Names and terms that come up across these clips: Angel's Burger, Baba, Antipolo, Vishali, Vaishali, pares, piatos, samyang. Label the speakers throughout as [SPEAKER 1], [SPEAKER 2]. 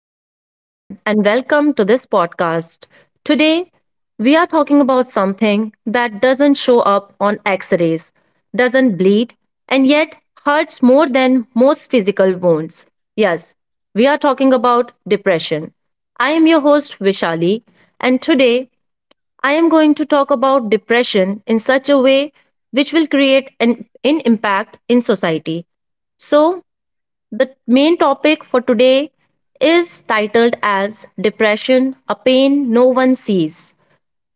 [SPEAKER 1] Hello, everyone, and welcome to this podcast. Today, we are talking about something that doesn't show up on x rays, doesn't bleed, and yet hurts more than most physical wounds. Yes, we are talking about depression. I am your host, Vishali, and today I am going to talk about depression in such a way which will create an impact in society. So, the main topic for today is titled as Depression, a pain no one sees.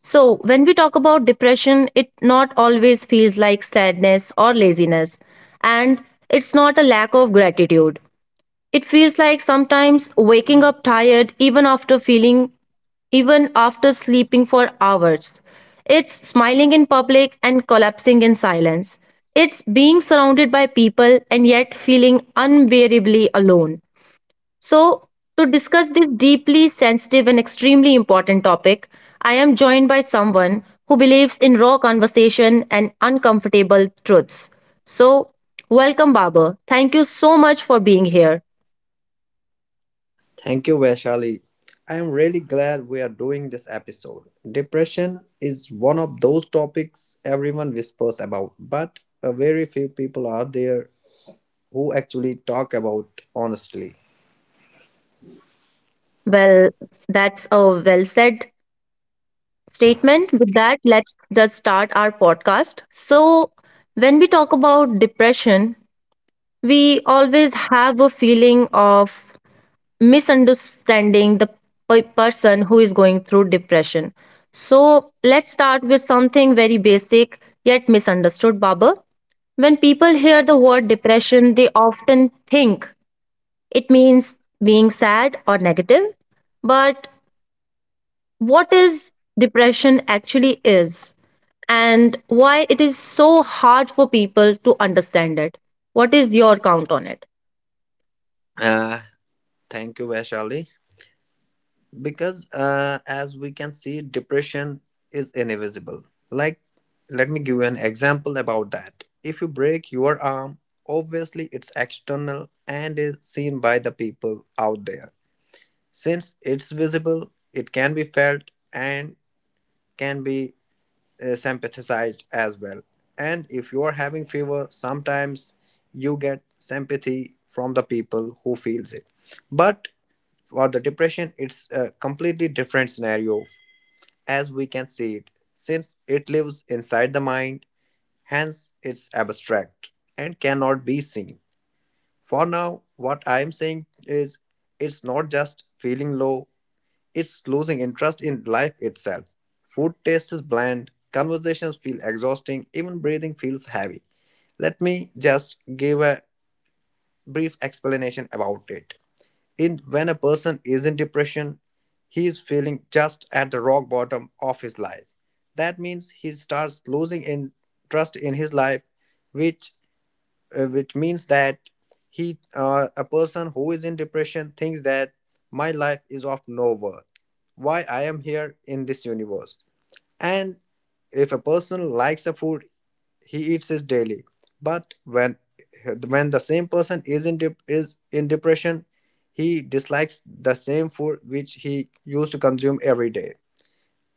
[SPEAKER 1] So, when we talk about depression, it not always feels like sadness or laziness, and it's not a lack of gratitude. It feels like sometimes waking up tired even after sleeping for hours. It's smiling in public and collapsing in silence. It's being surrounded by people and yet feeling unbearably alone. So, to discuss this deeply sensitive and extremely important topic, I am joined by someone who believes in raw conversation and uncomfortable truths. So, welcome, Baba. Thank you so much for being here.
[SPEAKER 2] Thank you, Vaishali. I am really glad we are doing this episode. Depression is one of those topics everyone whispers about, but very few people are there who actually talk about honestly.
[SPEAKER 1] Well, that's a well said statement. With that, let's just start our podcast. So, when we talk about depression, we always have a feeling of misunderstanding the person who is going through depression. So, let's start with something very basic yet misunderstood, Baba. When people hear the word depression, they often think it means being sad or negative. But what is depression actually is and why it is so hard for people to understand it. What is your count on it?
[SPEAKER 2] Uh, thank you, Vaishali. Because as we can see, depression is invisible. Like, let me give you an example about that. If you break your arm, obviously it's external and is seen by the people out there. Since it's visible, it can be felt and can be sympathized as well. And if you are having fever, sometimes you get sympathy from the people who feels it. But for the depression, it's a completely different scenario, as we can see it, since it lives inside the mind, hence it's abstract and cannot be seen. For now, what I am saying is it's not just feeling low. It's losing interest in life itself. Food taste is bland, conversations feel exhausting, even breathing feels heavy. Let me just give a brief explanation about it. In when a person is in depression, he is feeling just at the rock bottom of his life. That means he starts losing interest in his life, which which means that he a person who is in depression thinks that my life is of no worth, why I am here in this universe. And if a person likes a food, he eats it daily. But when the same person is in dep- is in depression, he dislikes the same food which he used to consume every day.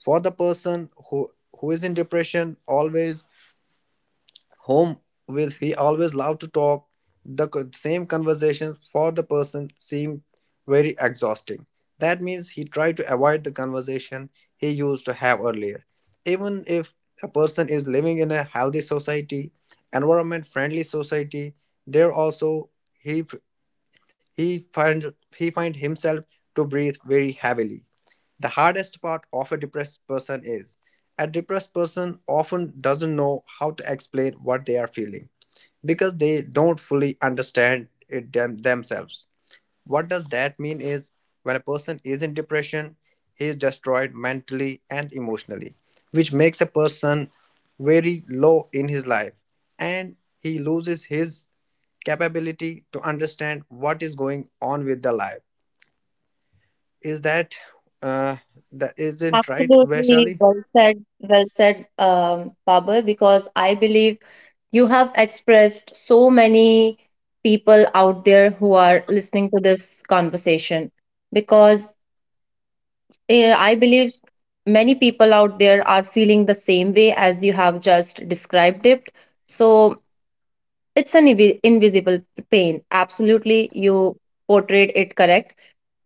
[SPEAKER 2] For the person who is in depression always home with, he always loved to talk, the same conversation for the person seemed very exhausting. That means he tried to avoid the conversation he used to have earlier. Even if a person is living in a healthy society, environment friendly society, there also he find himself to breathe very heavily. The hardest part of a depressed person is a depressed person often doesn't know how to explain what they are feeling because they don't fully understand it themselves. What does that mean is when a person is in depression, he is destroyed mentally and emotionally, which makes a person very low in his life, and he loses his capability to understand what is going on with the life. Is that uh, that isn't right,
[SPEAKER 1] Absolutely
[SPEAKER 2] Vaishali?
[SPEAKER 1] well said, Babar, because I believe you have expressed so many people out there who are listening to this conversation. Because I believe many people out there are feeling the same way as you have just described it. So it's an invisible pain. Absolutely, you portrayed it correct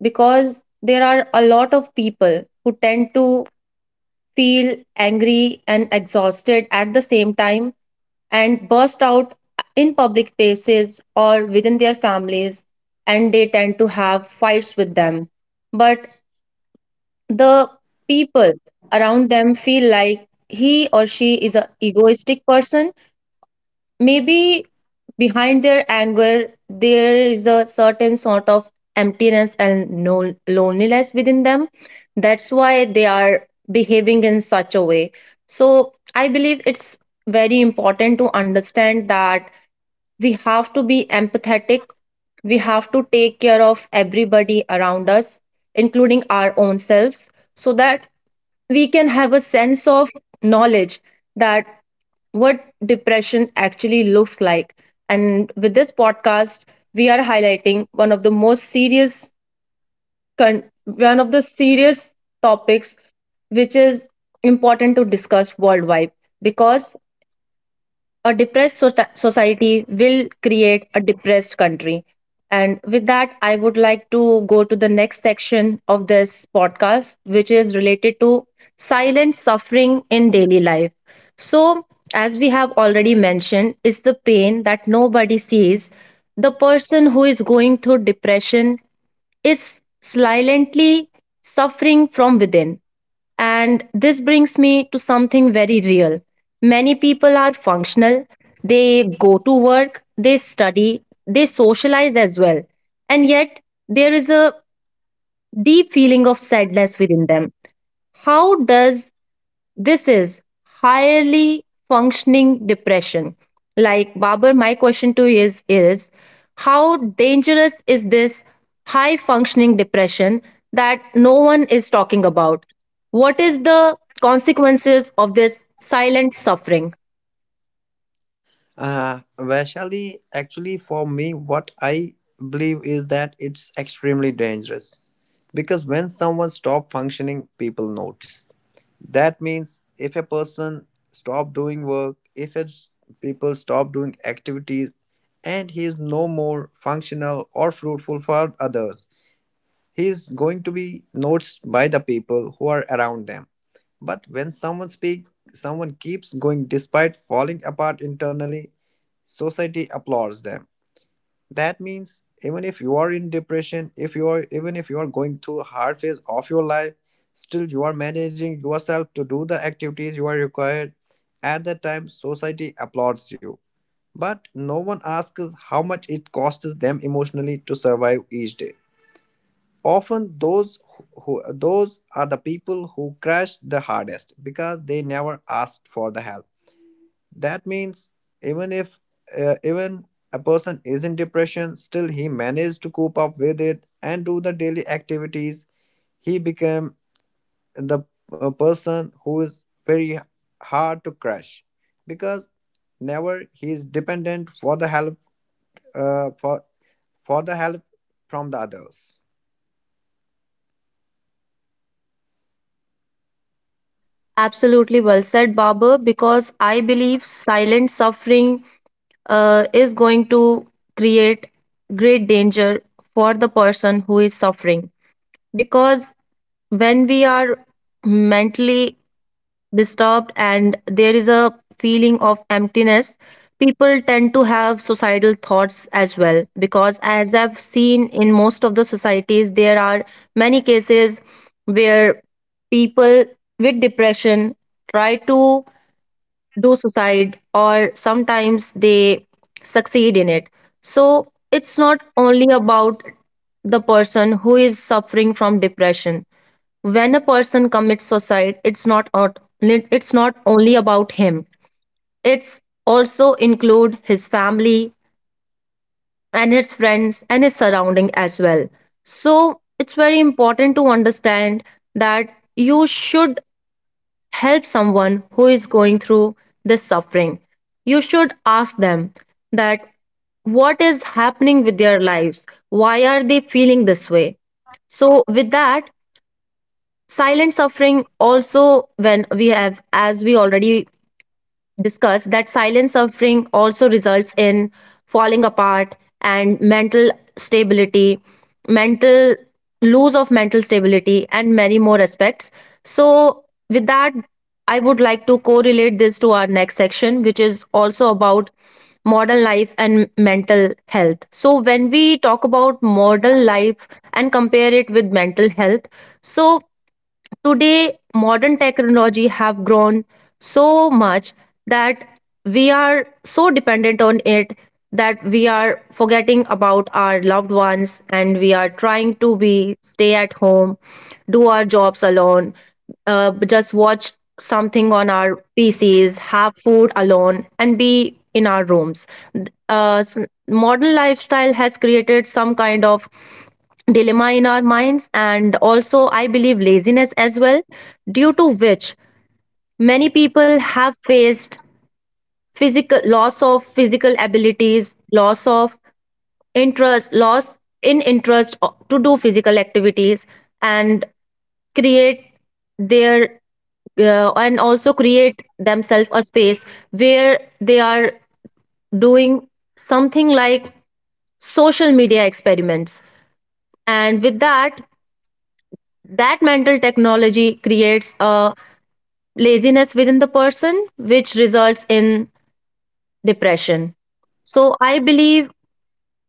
[SPEAKER 1] because there are a lot of people who tend to feel angry and exhausted at the same time and burst out in public places or within their families, and they tend to have fights with them. But the people around them feel like he or she is a egoistic person. Maybe behind their anger there is a certain sort of emptiness and no loneliness within them. That's why they are behaving in such a way. So I believe it's very important to understand that we have to be empathetic, we have to take care of everybody around us, including our own selves, so that we can have a sense of knowledge that what depression actually looks like. And with this podcast, we are highlighting one of the most serious, one of the serious topics which is important to discuss worldwide because a depressed society will create a depressed country. And with that, I would like to go to the next section of this podcast, which is related to silent suffering in daily life. So, as we have already mentioned, is the pain that nobody sees. The person who is going through depression is silently suffering from within. And this brings me to something very real. Many people are functional, they go to work, they study, they socialize as well. And yet, there is a deep feeling of sadness within them. How does this is highly functioning depression. Like, Babar, my question to you is how dangerous is this high functioning depression that no one is talking about? What is the consequences of this silent suffering?
[SPEAKER 2] Vaishali, actually, for me, what I believe is that it's extremely dangerous because when someone stop functioning, people notice. That means if a person stop doing work, if it's people stop doing activities, and he is no more functional or fruitful for others, he is going to be noticed by the people who are around them. But when someone speaks, someone keeps going despite falling apart internally, society applauds them. That means even if you are in depression, if you are even if you are going through a hard phase of your life, still you are managing yourself to do the activities you are required. At that time, society applauds you. But no one asks how much it costs them emotionally to survive each day. Often those who Those are the people who crash the hardest because they never asked for the help. That means even if even a person is in depression, still he managed to cope up with it and do the daily activities. He became the person who is very hard to crash because never he is dependent for the help, uh, for for the help from the others.
[SPEAKER 1] Absolutely well said, Babar, because I believe silent suffering is going to create great danger for the person who is suffering because when we are mentally disturbed and there is a feeling of emptiness, people tend to have suicidal thoughts as well, because as I've seen in most of the societies there are many cases where people with depression try to do suicide or sometimes they succeed in it. So it's not only about the person who is suffering from depression. When a person commits suicide, it's not only about him, it's also include his family and his friends and his surrounding as well. So it's very important to understand that you should help someone who is going through this suffering. You should ask them that what is happening with their lives? Why are they feeling this way? So, with that, silent suffering also, when we have, as we already discussed that silent suffering also results in falling apart and mental stability, mental loss of mental stability, and many more aspects. So, with that, I would like to correlate this to our next section, which is also about modern life and mental health. So, when we talk about modern life and compare it with mental health, so today, modern technology have grown so much that we are so dependent on it that we are forgetting about our loved ones and we are trying to be stay at home, do our jobs alone, just watch something on our PCs, have food alone, and be in our rooms. Th- Uh, s- Modern lifestyle has created some kind of dilemma in our minds and also I believe laziness as well, due to which many people have faced physical abilities, loss of interest loss in interest to do physical activities, and create their and also create themselves a space where they are doing something like social media experiments. And with that, that mental technology creates a laziness within the person, which results in depression. So, I believe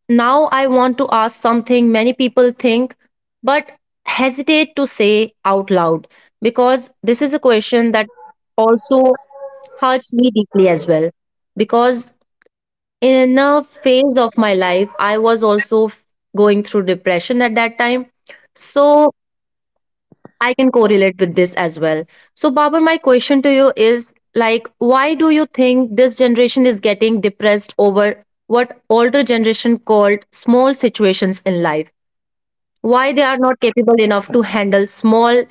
[SPEAKER 1] now I want to ask something many people think but hesitate to say out loud, because this is a question that also hurts me deeply as well. Because in a phase of my life, I was also going through depression at that time. So, I can correlate with this as well. So, Babar, my question to you is like, why do you think this generation is getting depressed over what older generation called small situations in life? Why they are not capable enough to handle small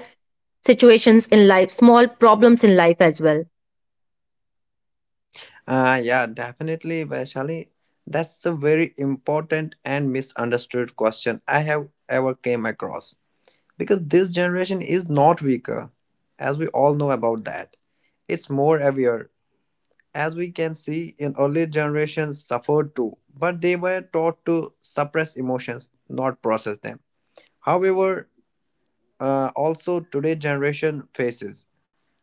[SPEAKER 1] situations in life, small problems in life as well?
[SPEAKER 2] Yeah, definitely, Vaishali. That's a very important and misunderstood question I have ever came across. Because this generation is not weaker, as we all know about that. It's more aware, as we can see in early generations suffered too, but they were taught to suppress emotions, not process them. However, also today generation faces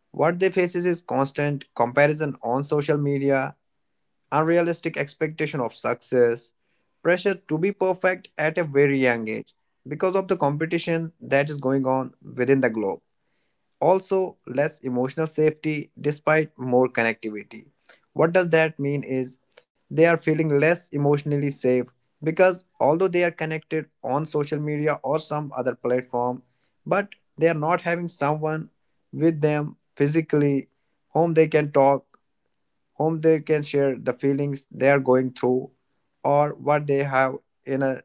[SPEAKER 2] what they faces is constant comparison on social media, unrealistic expectation of success, pressure to be perfect at a very young age because of the competition that is going on within the globe. Also, less emotional safety despite more connectivity. What does that mean is they are feeling less emotionally safe because although they are connected on social media or some other platform, but they are not having someone with them physically whom they can talk, whom they can share the feelings they are going through, or what they have in a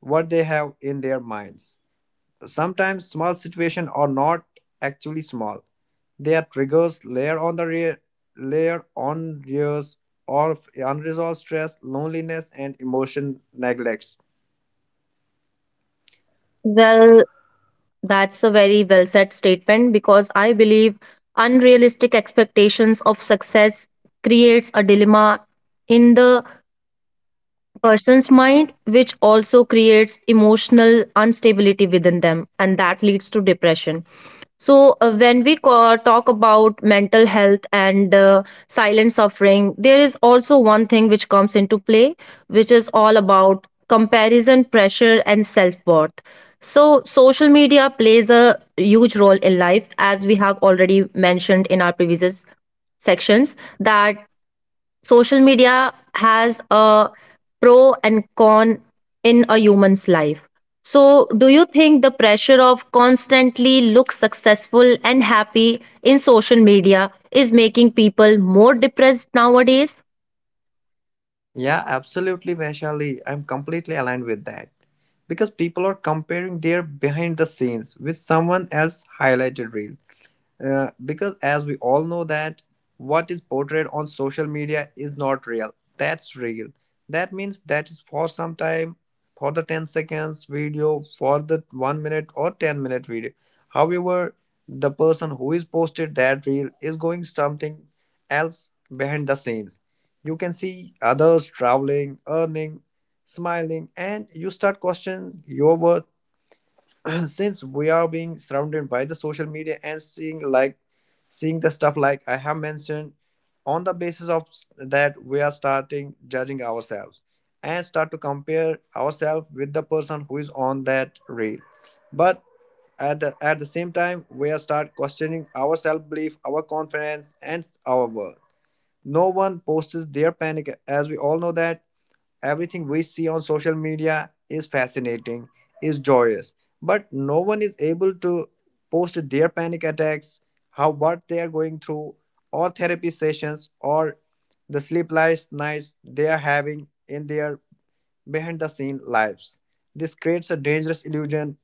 [SPEAKER 2] what they have in their minds. Sometimes small situations are not actually small. They are triggers layer on the layer on years of unresolved stress, loneliness, and emotion neglects.
[SPEAKER 1] Well, that's a very well said statement because I believe unrealistic expectations of success creates a dilemma in the person's mind, which also creates emotional instability within them, and that leads to depression. So, when we talk about mental health and silent suffering, there is also one thing which comes into play, which is all about comparison, pressure, and self worth. So, social media plays a huge role in life, as we have already mentioned in our previous sections, that social media has a pro and con in a human's life. So, do you think the pressure of constantly look successful and happy in social media is making people more depressed nowadays?
[SPEAKER 2] Yeah, absolutely, Vaishali. I'm completely aligned with that. Because people are comparing their behind the scenes with someone else's highlighted reel. Because as we all know that what is portrayed on social media is not real, that's real. That means that is for some time, for the 10 seconds video, for the 1 minute or 10-minute video. However, the person who is posted that reel is going something else behind the scenes. You can see others traveling, earning, smiling, and you start questioning your worth. Since we are being surrounded by the social media and seeing the stuff like I have mentioned on the basis of that, we are starting judging ourselves and start to compare ourselves with the person who is on that reel. But at the same time, we are start questioning our self-belief, our confidence, and our worth. No one posts their panic. As we all know that everything we see on social media is fascinating, is joyous, but no one is able to post their panic attacks, how what they are going through, or therapy sessions, or the sleepless nights they are having in their behind the scene lives. This creates a dangerous illusion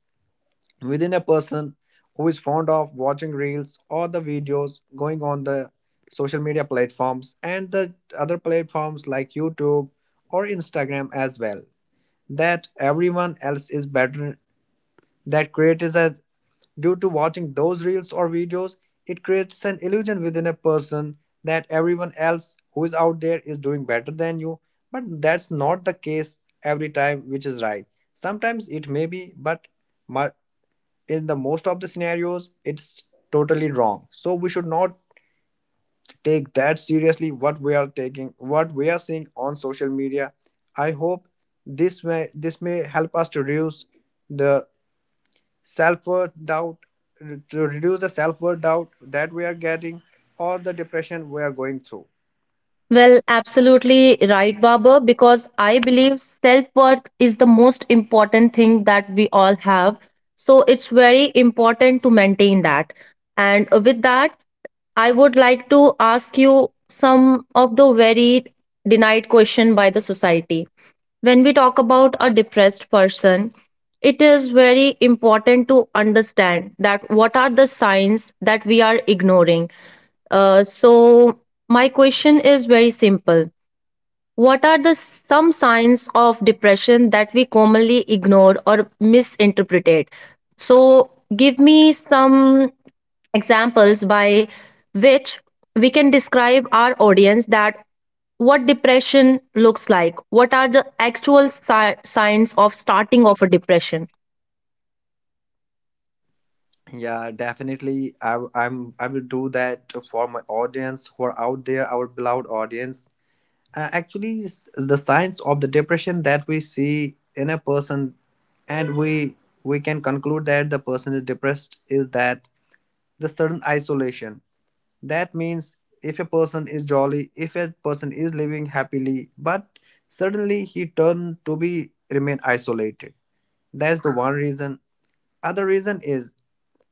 [SPEAKER 2] within a person who is fond of watching reels or the videos going on the social media platforms and the other platforms like YouTube or Instagram as well, that everyone else is better. That creates a Due to watching those reels or videos, it creates an illusion within a person that everyone else who is out there is doing better than you. But that's not the case every time, which is right. Sometimes it may be, but mu- in the most of the scenarios, it's totally wrong. So we should not take that seriously, what we are taking, what we are seeing on social media. I hope this may help us to reduce the self-worth doubt, to reduce the self-worth doubt that we are getting or the depression we are going through.
[SPEAKER 1] Well, absolutely right, Baba, because I believe self worth is the most important thing that we all have. So it's very important to maintain that. And with that, I would like to ask you some of the very denied question by the society. When we talk about a depressed person, it is very important to understand that what are the signs that we are ignoring. So, my question is very simple. What are the some signs of depression that we commonly ignore or misinterpret? So, give me some examples by which we can describe our audience that what depression looks like. What are the actual signs of starting of a depression?
[SPEAKER 2] Yeah, definitely. I, w- I'm I will do that for my audience who are out there, our beloved audience. The signs of the depression that we see in a person, and we can conclude that the person is depressed, is that the sudden isolation. That means if a person is jolly, if a person is living happily, but suddenly he turned to be remain isolated, that's the one reason. Other reason is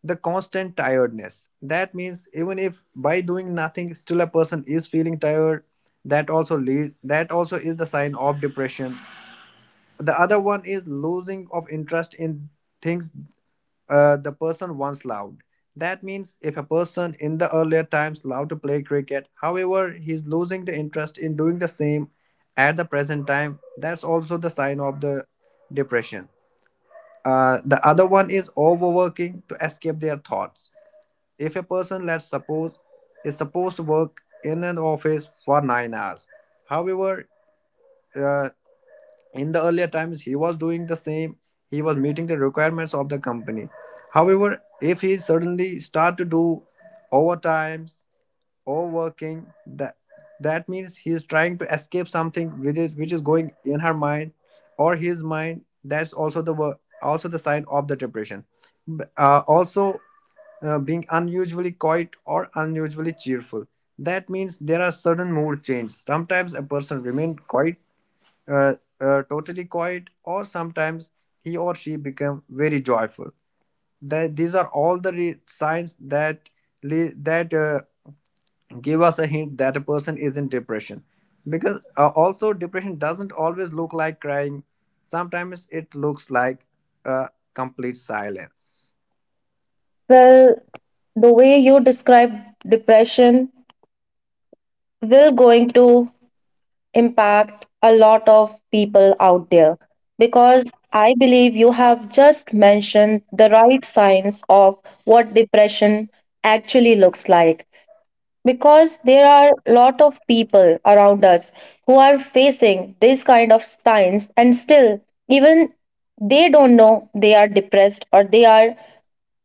[SPEAKER 2] the constant tiredness. That means even if by doing nothing still a person is feeling tired, that also lead, that also is the sign of depression. The other one is losing of interest in things the person once loved. That means if a person in the earlier times loved to play cricket, however, he is losing the interest in doing the same at the present time, that's also the sign of the depression. The other one is overworking to escape their thoughts. If a person, let's suppose, is supposed to work in an office for 9 hours, however, uh, in the earlier times he was doing the same, he was meeting the requirements of the company. However, if he suddenly start to do overtimes, overworking, that means he's trying to escape something which is going in her mind or his mind, that's also the also the sign of the depression. B- also being unusually quiet or unusually cheerful, that means there are sudden mood changes. Sometimes a person remain quiet, uh, totally quiet, or sometimes he or she become very joyful. That These are all the signs that le- that uh, give us a hint that a person is in depression. Because also depression doesn't always look like crying. Sometimes it looks like a complete silence.
[SPEAKER 1] Well, the way you describe depression will going to impact a lot of people out there because I believe you have just mentioned the right signs of what depression actually looks like. Because there are a lot of people around us who are facing these kind of signs, and still, even they don't know they are depressed or they are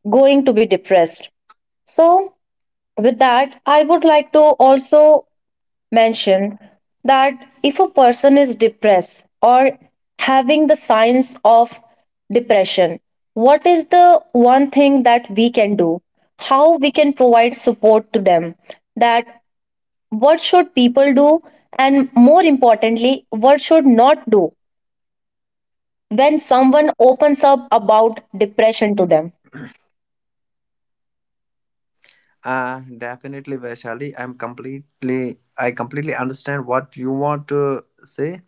[SPEAKER 1] going to be depressed. So, with that, I would like to also mentioned that if a person is depressed or having the signs of depression, what is the one thing that we can do? How we can provide support to them? That what should people do? And more importantly, what should not do when someone opens up about depression to them?
[SPEAKER 2] Definitely, Vaishali. I completely understand what you want to say.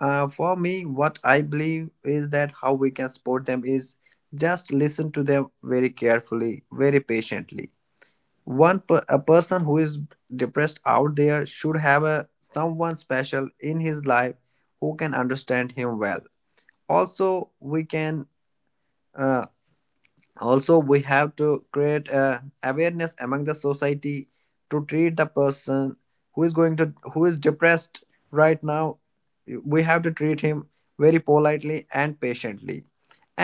[SPEAKER 2] For me, what I believe is that how we can support them is just listen to them very carefully, very patiently. A person who is depressed out there should have a someone special in his life who can understand him well. Also, we can uh, also we have to create a awareness among the society to treat the person who is going to who is depressed right now, we have to treat him very politely and patiently.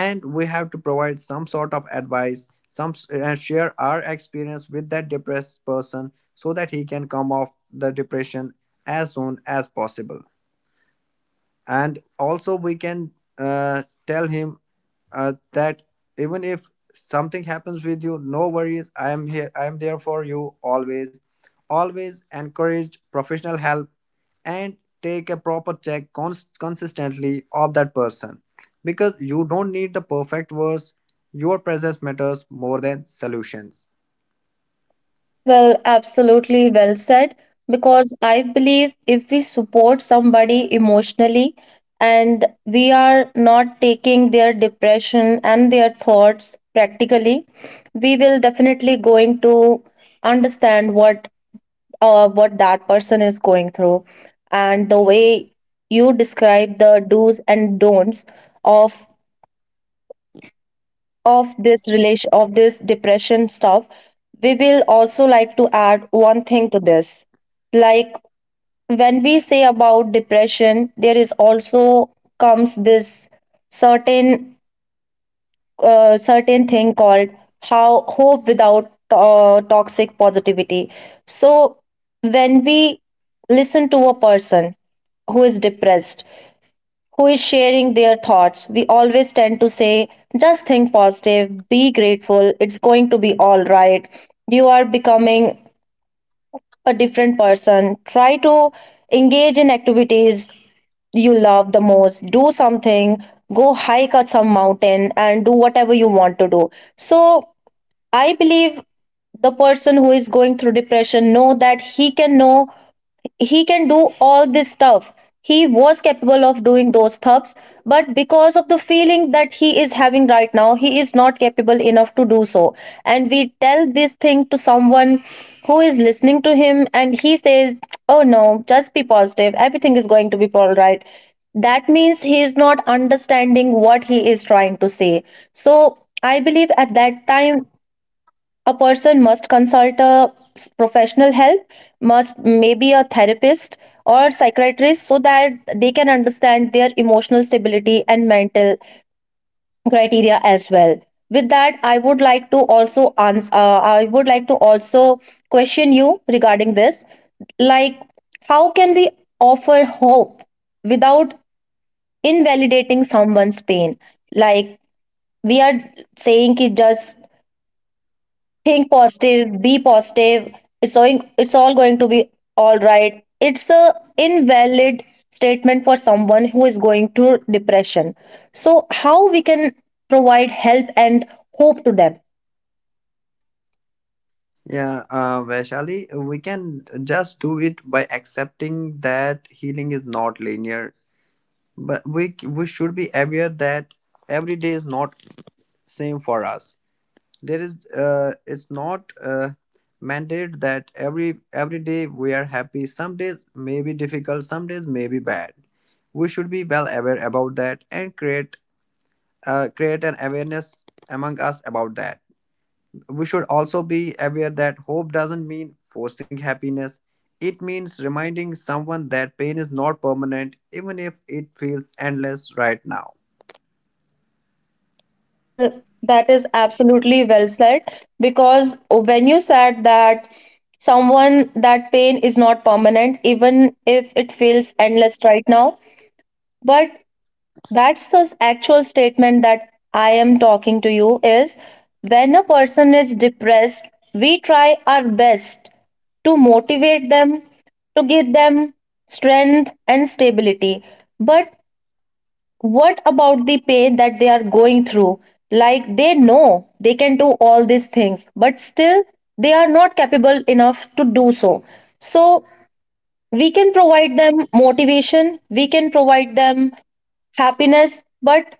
[SPEAKER 2] And we have to provide some sort of advice, some and share our experience with that depressed person so that he can come off the depression as soon as possible. And also we can tell him that even if something happens with you, no worries, I am here, I am there for you always. Always encourage professional help, and take a proper check consistently of that person, because you don't need the perfect words. Your presence matters more than solutions.
[SPEAKER 1] Well, absolutely well said. Because I believe if we support somebody emotionally and we are not taking their depression and their thoughts practically, we will definitely going to understand what that person is going through, and the way you describe the do's and don'ts of this relation of this depression stuff, we will also like to add one thing to this, like when we say about depression there is also comes this certain certain thing called how hope without toxic positivity. So when we listen to a person who is depressed, who is sharing their thoughts, we always tend to say, just think positive, be grateful, it's going to be all right. You are becoming a different person. Try to engage in activities you love the most. Do something, go hike at some mountain, and do whatever you want to do. So, I believe the person who is going through depression know that he can do all this stuff he was capable of doing those thups, but because of the feeling that he is having right now he is not capable enough to do so. And we tell this thing to someone who is listening to him and he says, oh no, just be positive, everything is going to be all right. That means he is not understanding what he is trying to say. So I believe at that time a person must professional help must, maybe a therapist or psychiatrist, so that they can understand their emotional stability and mental criteria as well. With that I would like to also ans I would like to also question you regarding this, like, how can we offer hope without invalidating someone's pain? Like, we are saying ki just think positive, be positive, it's all going to be all right. It's a invalid statement for someone who is going through depression. So how we can provide help and hope to them?
[SPEAKER 2] Yeah, Vaishali we can just do it by accepting that healing is not linear. But we should be aware that every day is not same for us. There is it's not mandated that every day we are happy. Some days may be difficult, some days may be bad. We should be well aware about that and create an awareness among us about that. We should also be aware that hope doesn't mean forcing happiness. It means reminding someone that pain is not permanent even if it feels endless right now.
[SPEAKER 1] Well, that is absolutely well said, because when you said that someone that pain is not permanent even if it feels endless right now, but that's the actual statement that I am talking to you is, when a person is depressed, we try our best to motivate them, to give them strength and stability. But what about the pain that they are going through? Like, they know they can do all these things, but still they are not capable enough to do so. So we can provide them motivation, we can provide them happiness, but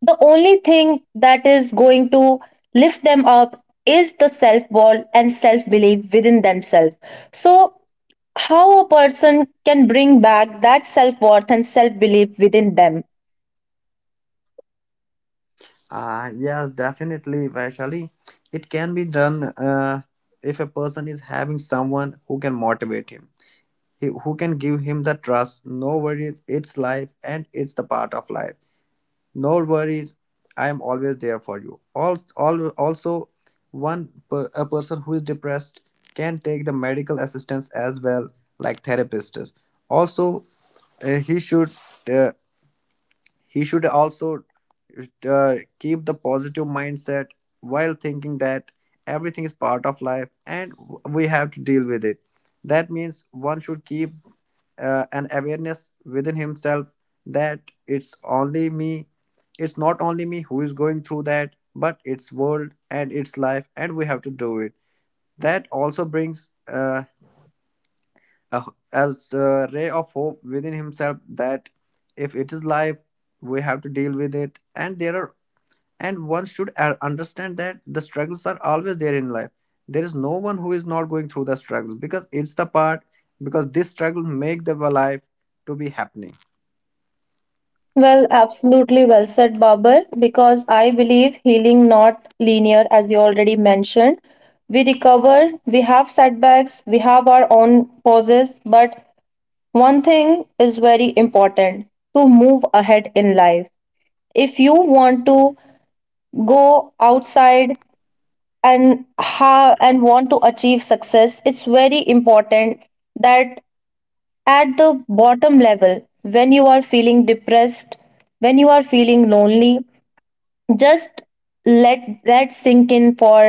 [SPEAKER 1] the only thing that is going to lift them up is the self worth and self belief within themselves. So, how a person can bring back that self worth and self belief within them?
[SPEAKER 2] Yes, definitely, Vaishali. It can be done if a person is having someone who can motivate him, who can give him the trust. No worries, it's life and it's the part of life. No worries, I am always there for you. Also, a person who is depressed can take the medical assistance as well, like therapists. Also, uh, he should. Uh, he should also keep the positive mindset, while thinking that everything is part of life and we have to deal with it. That means one should keep an awareness within himself that it's only me, it's not only me who is going through that, but it's world and it's life, and we have to do it. That also brings a, as a ray of hope within himself that if it is life, we have to deal with it. And there are, and one should understand that the struggles are always there in life. There is no one who is not going through the struggles, because it's the part, because this struggle make the life to be happening.
[SPEAKER 1] Well, absolutely well said, Babar, because I believe healing not linear, as you already mentioned. We recover, we have setbacks, we have our own pauses, but one thing is very important to move ahead in life. If you want to go outside and and want to achieve success, it's very important that at the bottom level when you are feeling depressed, when you are feeling lonely, just let that sink in for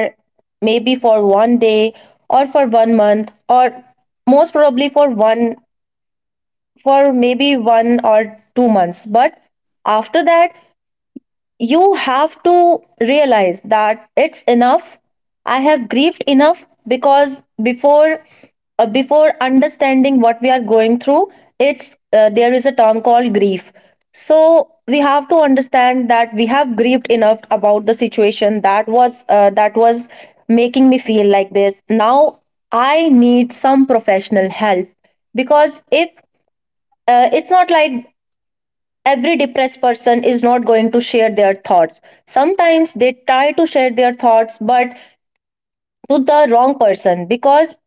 [SPEAKER 1] maybe for one day or for one month, or most probably for one for maybe one or two months. But after that you have to realize that it's enough, I have grieved enough. Because before before understanding what we are going through, it's there is a term called grief. So we have to understand that we have grieved enough about the situation that was making me feel like this. Now I need some professional help. Because if it's not like every depressed person is not going to share their thoughts. Sometimes they try to share their thoughts but to the wrong person, because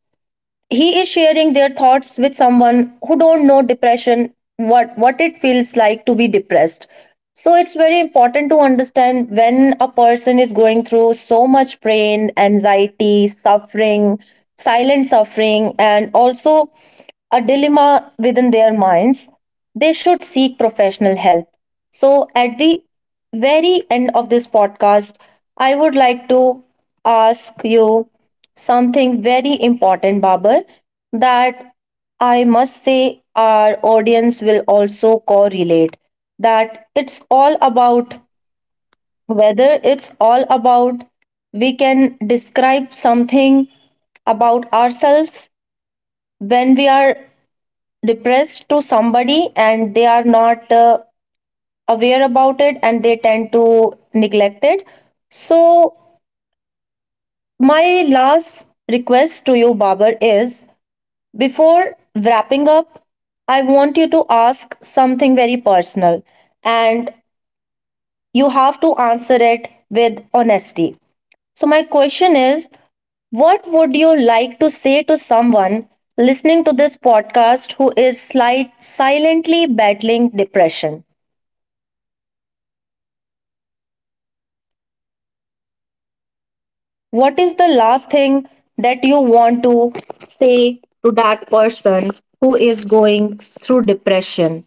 [SPEAKER 1] he is sharing their thoughts with someone who don't know depression, what it feels like to be depressed. So it's very important to understand when a person is going through so much pain, anxiety, suffering, silent suffering, and also a dilemma within their minds, they should seek professional help. So, at the very end of this podcast, I would like to ask you something very important, Babar, that I must say our audience will also correlate, that it's all about, whether it's all about, we can describe something about ourselves when we are depressed to somebody and they are not aware about it and they tend to neglect it. So my last request to you, Babar, is, before wrapping up, I want you to ask something very personal, and you have to answer it with honesty. So, my question is, what would you like to say to someone listening to this podcast who is silently battling depression? What is the last thing that you want to say to that person who is going through depression?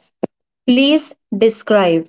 [SPEAKER 1] Please describe.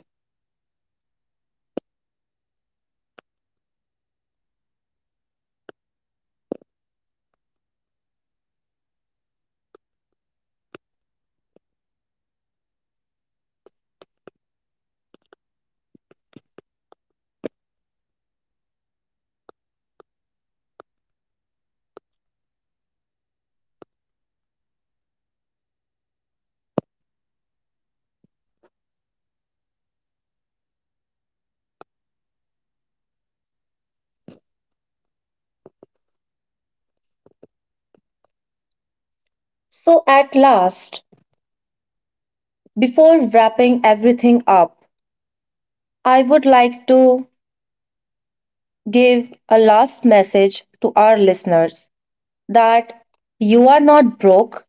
[SPEAKER 1] So, at last, before wrapping everything up, I would like to give a last message to our listeners that you are not broke,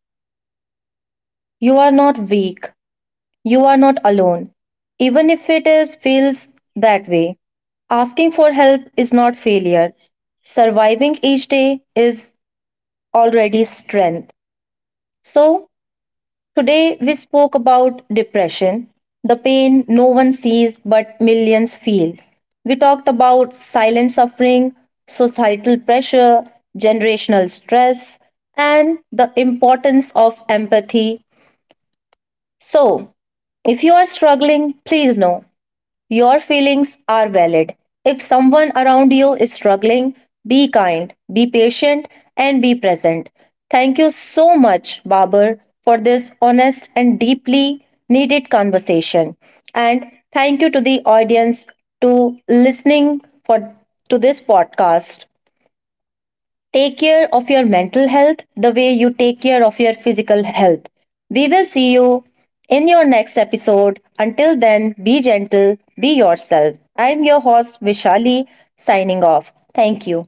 [SPEAKER 1] you are not weak, you are not alone. Even if it is feels that way, asking for help is not failure. Surviving each day is already strength. So, today, we spoke about depression, the pain no one sees but millions feel. We talked about silent suffering, societal pressure, generational stress, and the importance of empathy. So, if you are struggling, please know your feelings are valid. If someone around you is struggling, be kind, be patient, and be present. Thank you so much, Babar, for this honest and deeply needed conversation. And thank you to the audience to listening for to this podcast. Take care of your mental health the way you take care of your physical health. We will see you in your next episode. Until then, be gentle, be yourself. I'm your host, Vishali, signing off. Thank you.